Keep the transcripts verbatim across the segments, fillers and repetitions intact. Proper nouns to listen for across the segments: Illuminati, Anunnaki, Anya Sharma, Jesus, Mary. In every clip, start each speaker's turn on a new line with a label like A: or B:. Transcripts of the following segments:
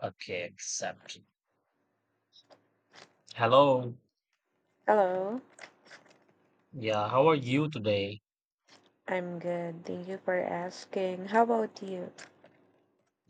A: Okay, accept. Hello.
B: Hello,
A: Yeah, how are you today?
B: I'm good. Thank you for asking. How about you?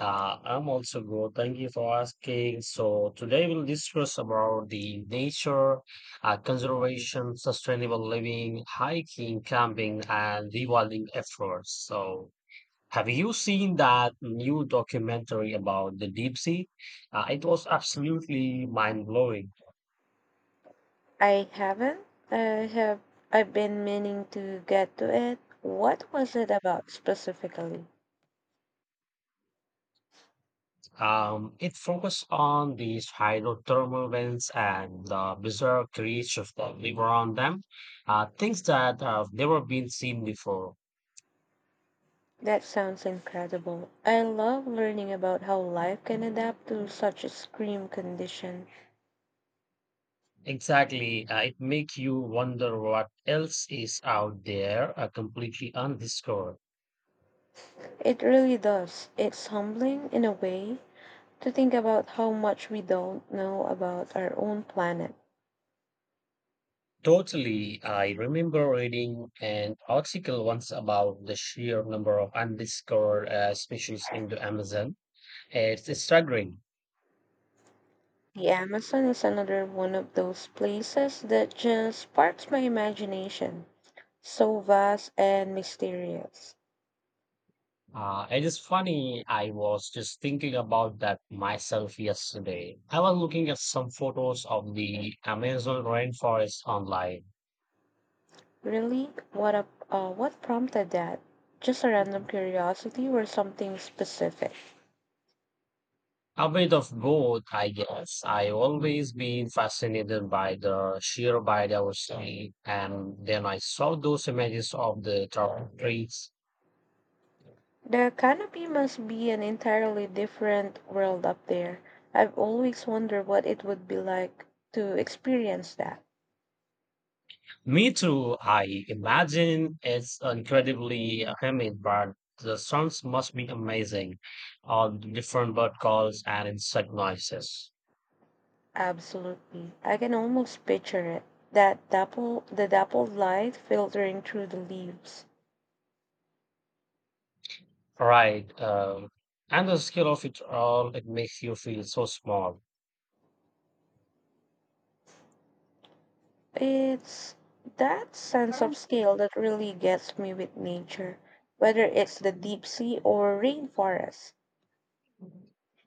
A: Uh, I'm also good. Thank you for asking. So today we'll discuss about the nature, uh, conservation, sustainable living, hiking, camping, and rewilding efforts. So have you seen that new documentary about the deep sea? Uh, it was absolutely mind blowing.
B: I haven't. I have. I've been meaning to get to it. What was it about specifically?
A: Um, it focused on these hydrothermal vents and the bizarre creatures of that live around them, uh, things that uh, have never been seen before.
B: That sounds incredible. I love learning about how life can adapt to such extreme condition.
A: Exactly, uh, it makes you wonder what else is out there, uh, completely undiscovered.
B: It really does. It's humbling in a way to think about how much we don't know about our own planet.
A: Totally, I remember reading an article once about the sheer number of undiscovered uh, species in the Amazon. It's staggering.
B: The Amazon is another one of those places that just sparks my imagination. So vast and mysterious.
A: Uh, it is funny, I was just thinking about that myself yesterday. I was looking at some photos of the Amazon rainforest online.
B: Really? What a, uh, what prompted that? Just a random curiosity or something specific?
A: A bit of both, I guess. I always been fascinated by the sheer biodiversity, and then I saw those images of the tall trees.
B: The canopy must be an entirely different world up there. I've always wondered what it would be like to experience that.
A: Me too, I imagine it's incredibly humid, but the sounds must be amazing. All the different bird calls and insect noises.
B: Absolutely. I can almost picture it. That dapple, the dappled light filtering through the leaves.
A: Right. Um, and the scale of it all, it makes you feel so small.
B: It's that sense of scale that really gets me with nature, whether it's the deep sea or rainforest.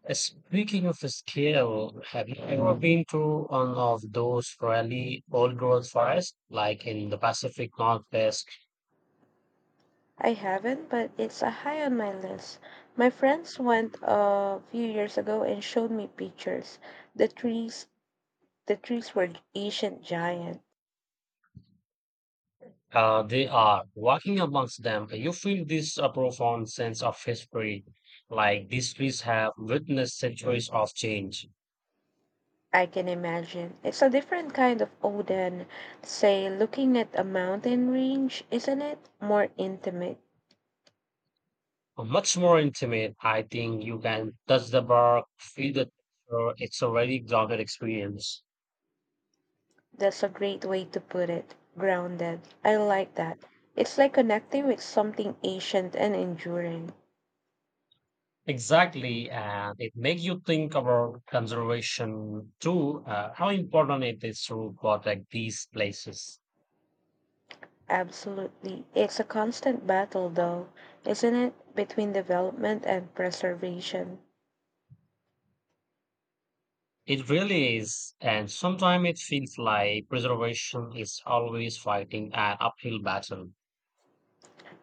A: Uh, Speaking of the scale, have you ever been to one of those really old growth forests, like in the Pacific Northwest?
B: I haven't, but it's a high on my list. My friends went a few years ago and showed me pictures. The trees, the trees were ancient giant.
A: Uh, they are walking amongst them. uh, You feel this uh, profound sense of history, like these trees have witnessed centuries of change.
B: I can imagine. It's a different kind of Odin, say looking at a mountain range, isn't it? More intimate.
A: Uh, Much more intimate, I think you can touch the bark, feel the texture. It's a very grounded experience.
B: That's a great way to put it. Grounded. I like that. It's like connecting with something ancient and enduring.
A: Exactly, and it makes you think about conservation too, uh, how important it is to protect these places.
B: Absolutely. It's a constant battle, though, isn't it? Between development and preservation.
A: It really is, and sometimes it feels like preservation is always fighting an uphill battle.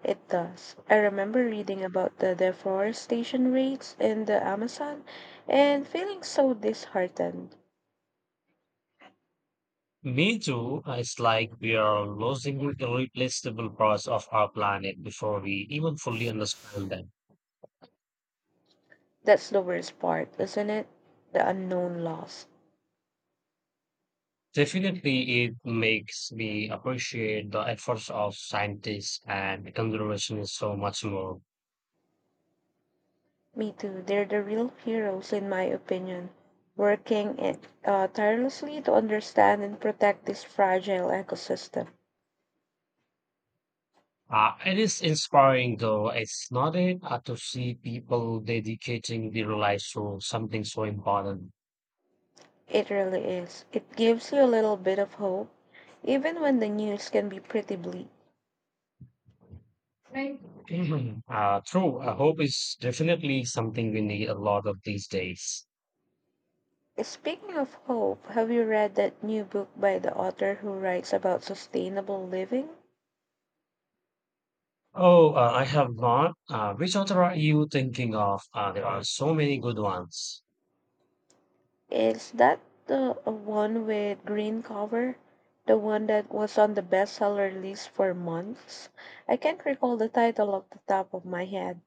B: It does. I remember reading about the deforestation rates in the Amazon and feeling so disheartened.
A: Me too, uh, it's like we are losing irreplaceable parts of our planet before we even fully understand them.
B: That's the worst part, isn't it? The unknown loss.
A: Definitely, it makes me appreciate the efforts of scientists and conservationists so much more.
B: Me too. They're the real heroes, in my opinion, working it, uh, tirelessly to understand and protect this fragile ecosystem.
A: Uh, it is inspiring, though, it's not it, uh, to see people dedicating their lives to something so important.
B: It really is. It gives you a little bit of hope, even when the news can be pretty bleak.
A: Right. Uh, true. Uh, hope is definitely something we need a lot of these days.
B: Speaking of hope, have you read that new book by the author who writes about sustainable living?
A: Oh, uh, I have not. Uh, which author are you thinking of? Uh, there are so many good ones.
B: Is that the one with green cover? The one that was on the bestseller list for months? I can't recall the title off the top of my head.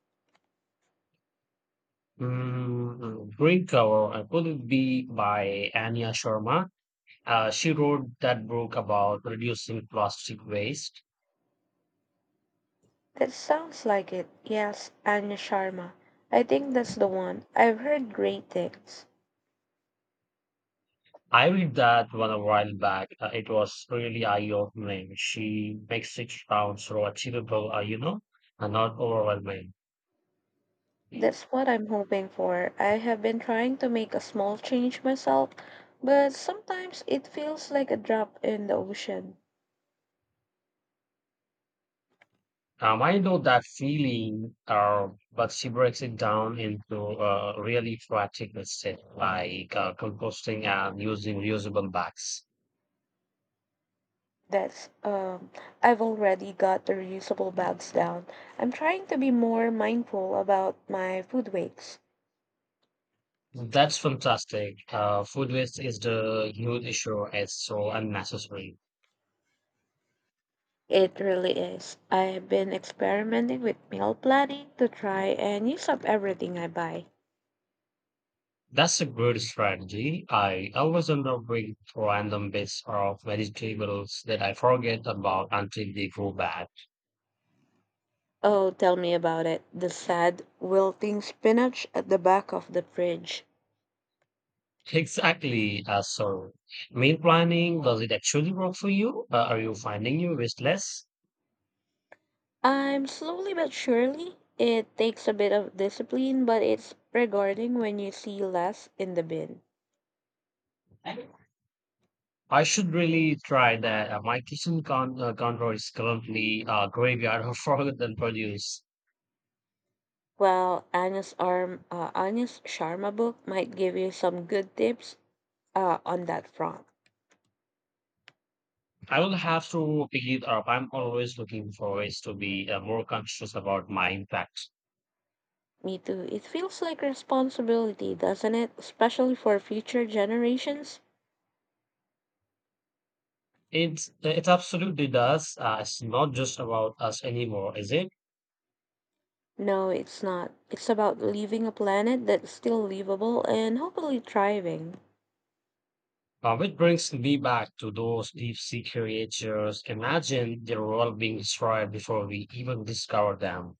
A: Mm, Green Cover, uh, could it be by Anya Sharma? Uh, she wrote that book about reducing plastic waste.
B: That sounds like it. Yes, Anya Sharma. I think that's the one. I've heard great things.
A: I read that one a while back. Uh, it was really eye-opening. She makes six pounds so achievable, uh, you know, and not overwhelming.
B: That's what I'm hoping for. I have been trying to make a small change myself, but sometimes it feels like a drop in the ocean.
A: Um, I know that feeling, uh, but she breaks it down into uh, really practical steps like uh, composting and using reusable bags.
B: That's um I've already got the reusable bags down. I'm trying to be more mindful about my food waste.
A: That's fantastic. Uh, food waste is the huge issue. It's so unnecessary.
B: It really is. I've been experimenting with meal planning to try and use up everything I buy.
A: That's a good strategy. I always end up with random bits of vegetables that I forget about until they go bad.
B: Oh, tell me about it. The sad, wilting spinach at the back of the fridge.
A: Exactly. Uh, so, meal planning, does it actually work for you? Uh, are you finding you restless?
B: I'm slowly but surely. It takes a bit of discipline, but it's rewarding when you see less in the bin.
A: I should really try that. Uh, my kitchen con- uh, counter is currently a graveyard of forgotten produce.
B: Well, Anya's arm, uh, Anya's Sharma book might give you some good tips uh, on that front.
A: I will have to pick it up. I'm always looking for ways to be uh, more conscious about my impact.
B: Me too. It feels like responsibility, doesn't it? Especially for future generations.
A: It it absolutely does. Uh, it's not just about us anymore, is it?
B: No, it's not. It's about leaving a planet that's still livable and hopefully thriving.
A: Uh, it brings me back to those deep sea creatures. Imagine they were all being destroyed before we even discovered them.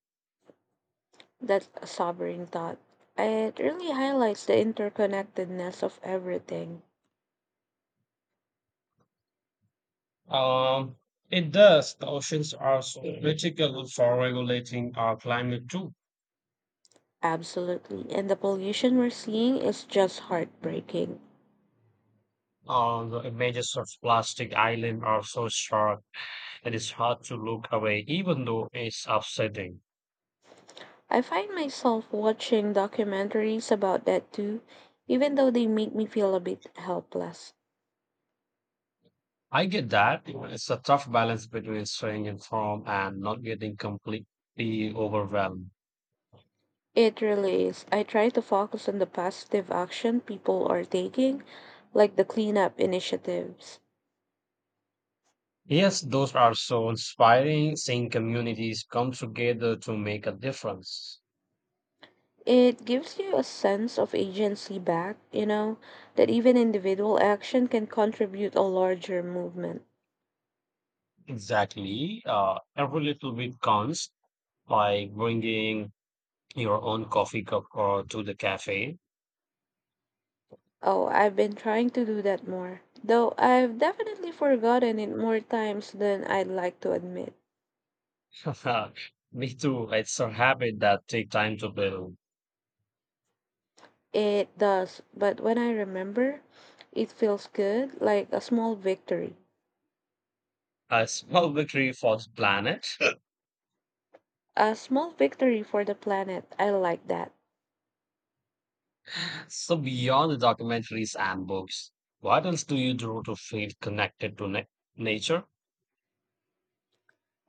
B: That's a sobering thought. It really highlights the interconnectedness of everything.
A: Um, it does. The oceans are so critical for regulating our climate too.
B: Absolutely. And the pollution we're seeing is just heartbreaking.
A: Um, the images of plastic island are so sharp that it's hard to look away, even though it's upsetting.
B: I find myself watching documentaries about that too, even though they make me feel a bit helpless.
A: I get that. It's a tough balance between staying informed and not getting completely overwhelmed.
B: It really is. I try to focus on the positive action people are taking, like the cleanup initiatives.
A: Yes, those are so inspiring, seeing communities come together to make a difference.
B: It gives you a sense of agency back, you know, that even individual action can contribute a larger movement.
A: Exactly. Uh, every little bit counts, like bringing your own coffee cup or to the cafe.
B: Oh, I've been trying to do that more, though I've definitely forgotten it more times than I'd like to admit.
A: Me too. It's a habit that take time to build.
B: It does, but when I remember, it feels good, like a small victory.
A: A small victory for the planet.
B: A small victory for the planet. I like that.
A: So beyond the documentaries and books, what else do you do to feel connected to na- nature?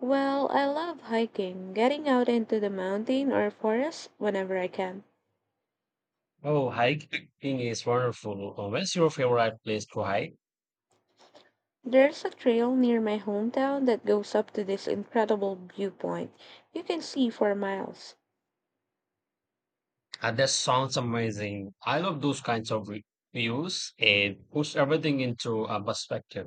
B: Well, I love hiking, getting out into the mountain or forest whenever I can.
A: Oh, hiking is wonderful. Uh, Where's your favorite place to hike?
B: There's a trail near my hometown that goes up to this incredible viewpoint. You can see for miles.
A: And that sounds amazing. I love those kinds of re- views. It puts everything into a perspective.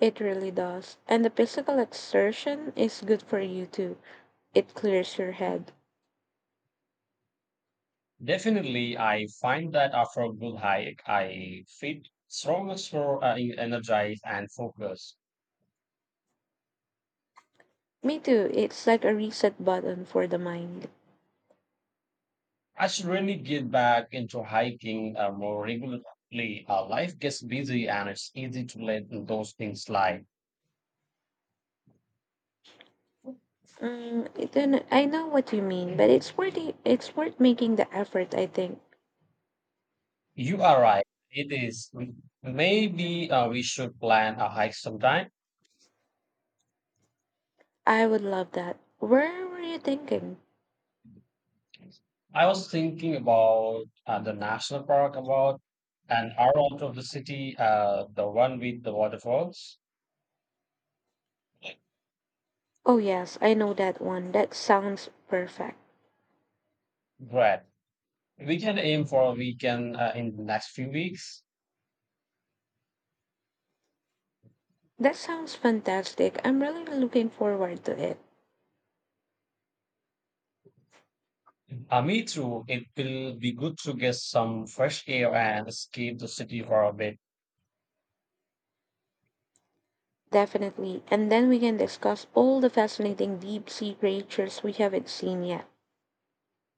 B: It really does. And the physical exertion is good for you too. It clears your head.
A: Definitely, I find that after a good hike, I feel stronger, more uh, energized and focused.
B: Me too. It's like a reset button for the mind.
A: I should really get back into hiking uh, more regularly. Uh, life gets busy and it's easy to let those things slide.
B: Mm, I don't I know what you mean, but it's worth it- it's worth making the effort, I think.
A: You are right. It is. Maybe uh, we should plan a hike sometime.
B: I would love that. Where were you thinking?
A: I was thinking about uh, the national park, about an hour out of the city, uh, the one with the waterfalls.
B: Oh yes, I know that one. That sounds perfect.
A: Great. We can aim for a weekend uh, in the next few weeks.
B: That sounds fantastic. I'm really looking forward to it.
A: Uh, me too. It will be good to get some fresh air and escape the city for a bit.
B: Definitely. And then we can discuss all the fascinating deep sea creatures we haven't seen yet.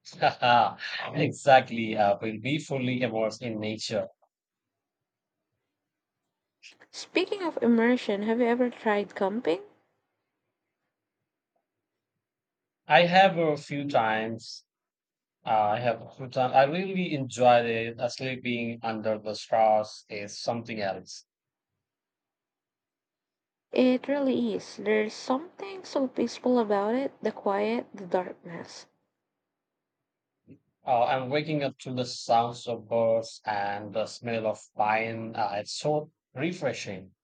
A: Exactly. Uh, we'll be fully immersed in nature.
B: Speaking of immersion, have you ever tried camping?
A: I have a few times. Uh, I have a few times. I really enjoyed it. Uh, sleeping under the stars is something else.
B: It really is. There's something so peaceful about it, the quiet, the darkness.
A: Uh, I'm waking up to the sounds of birds and the smell of pine. Uh, it's so refreshing.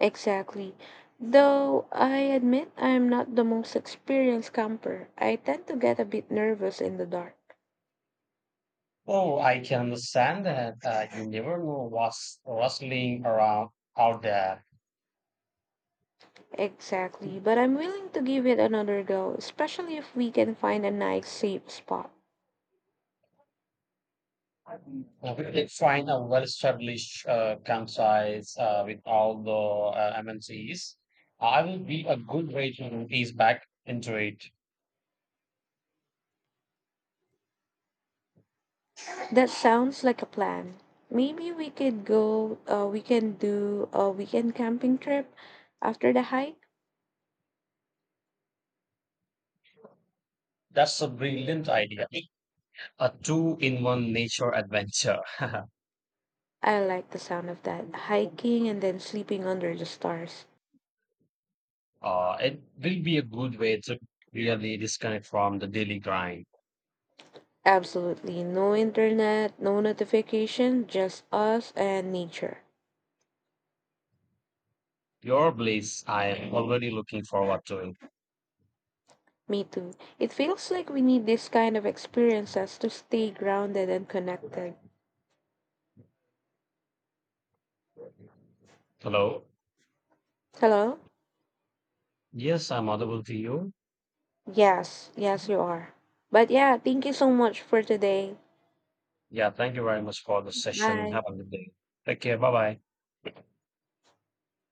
B: Exactly. Though I admit I am not the most experienced camper, I tend to get a bit nervous in the dark.
A: Oh, I can understand that, uh, you never know what's rustling around out there.
B: Exactly, but I'm willing to give it another go, especially if we can find a nice safe spot.
A: Uh, we did find a well-established, uh, franchise uh, with all the uh, M N Cs. I will be a good way to ease back into it.
B: That sounds like a plan. Maybe we could go, uh, we can do a weekend camping trip after the hike.
A: That's a brilliant idea. A two-in-one nature adventure.
B: I like the sound of that. Hiking and then sleeping under the stars.
A: Uh, it will be a good way to really disconnect from the daily grind.
B: Absolutely. No internet, no notification, just us and nature.
A: Your bliss, I am already looking forward to it.
B: Me too. It feels like we need this kind of experiences to stay grounded and connected.
A: Hello?
B: Hello?
A: Yes, I'm audible to you.
B: Yes, yes, you are. But yeah, thank you so much for today.
A: Yeah, thank you very much for the session.
B: Bye.
A: Have a good day. Take care. Bye bye.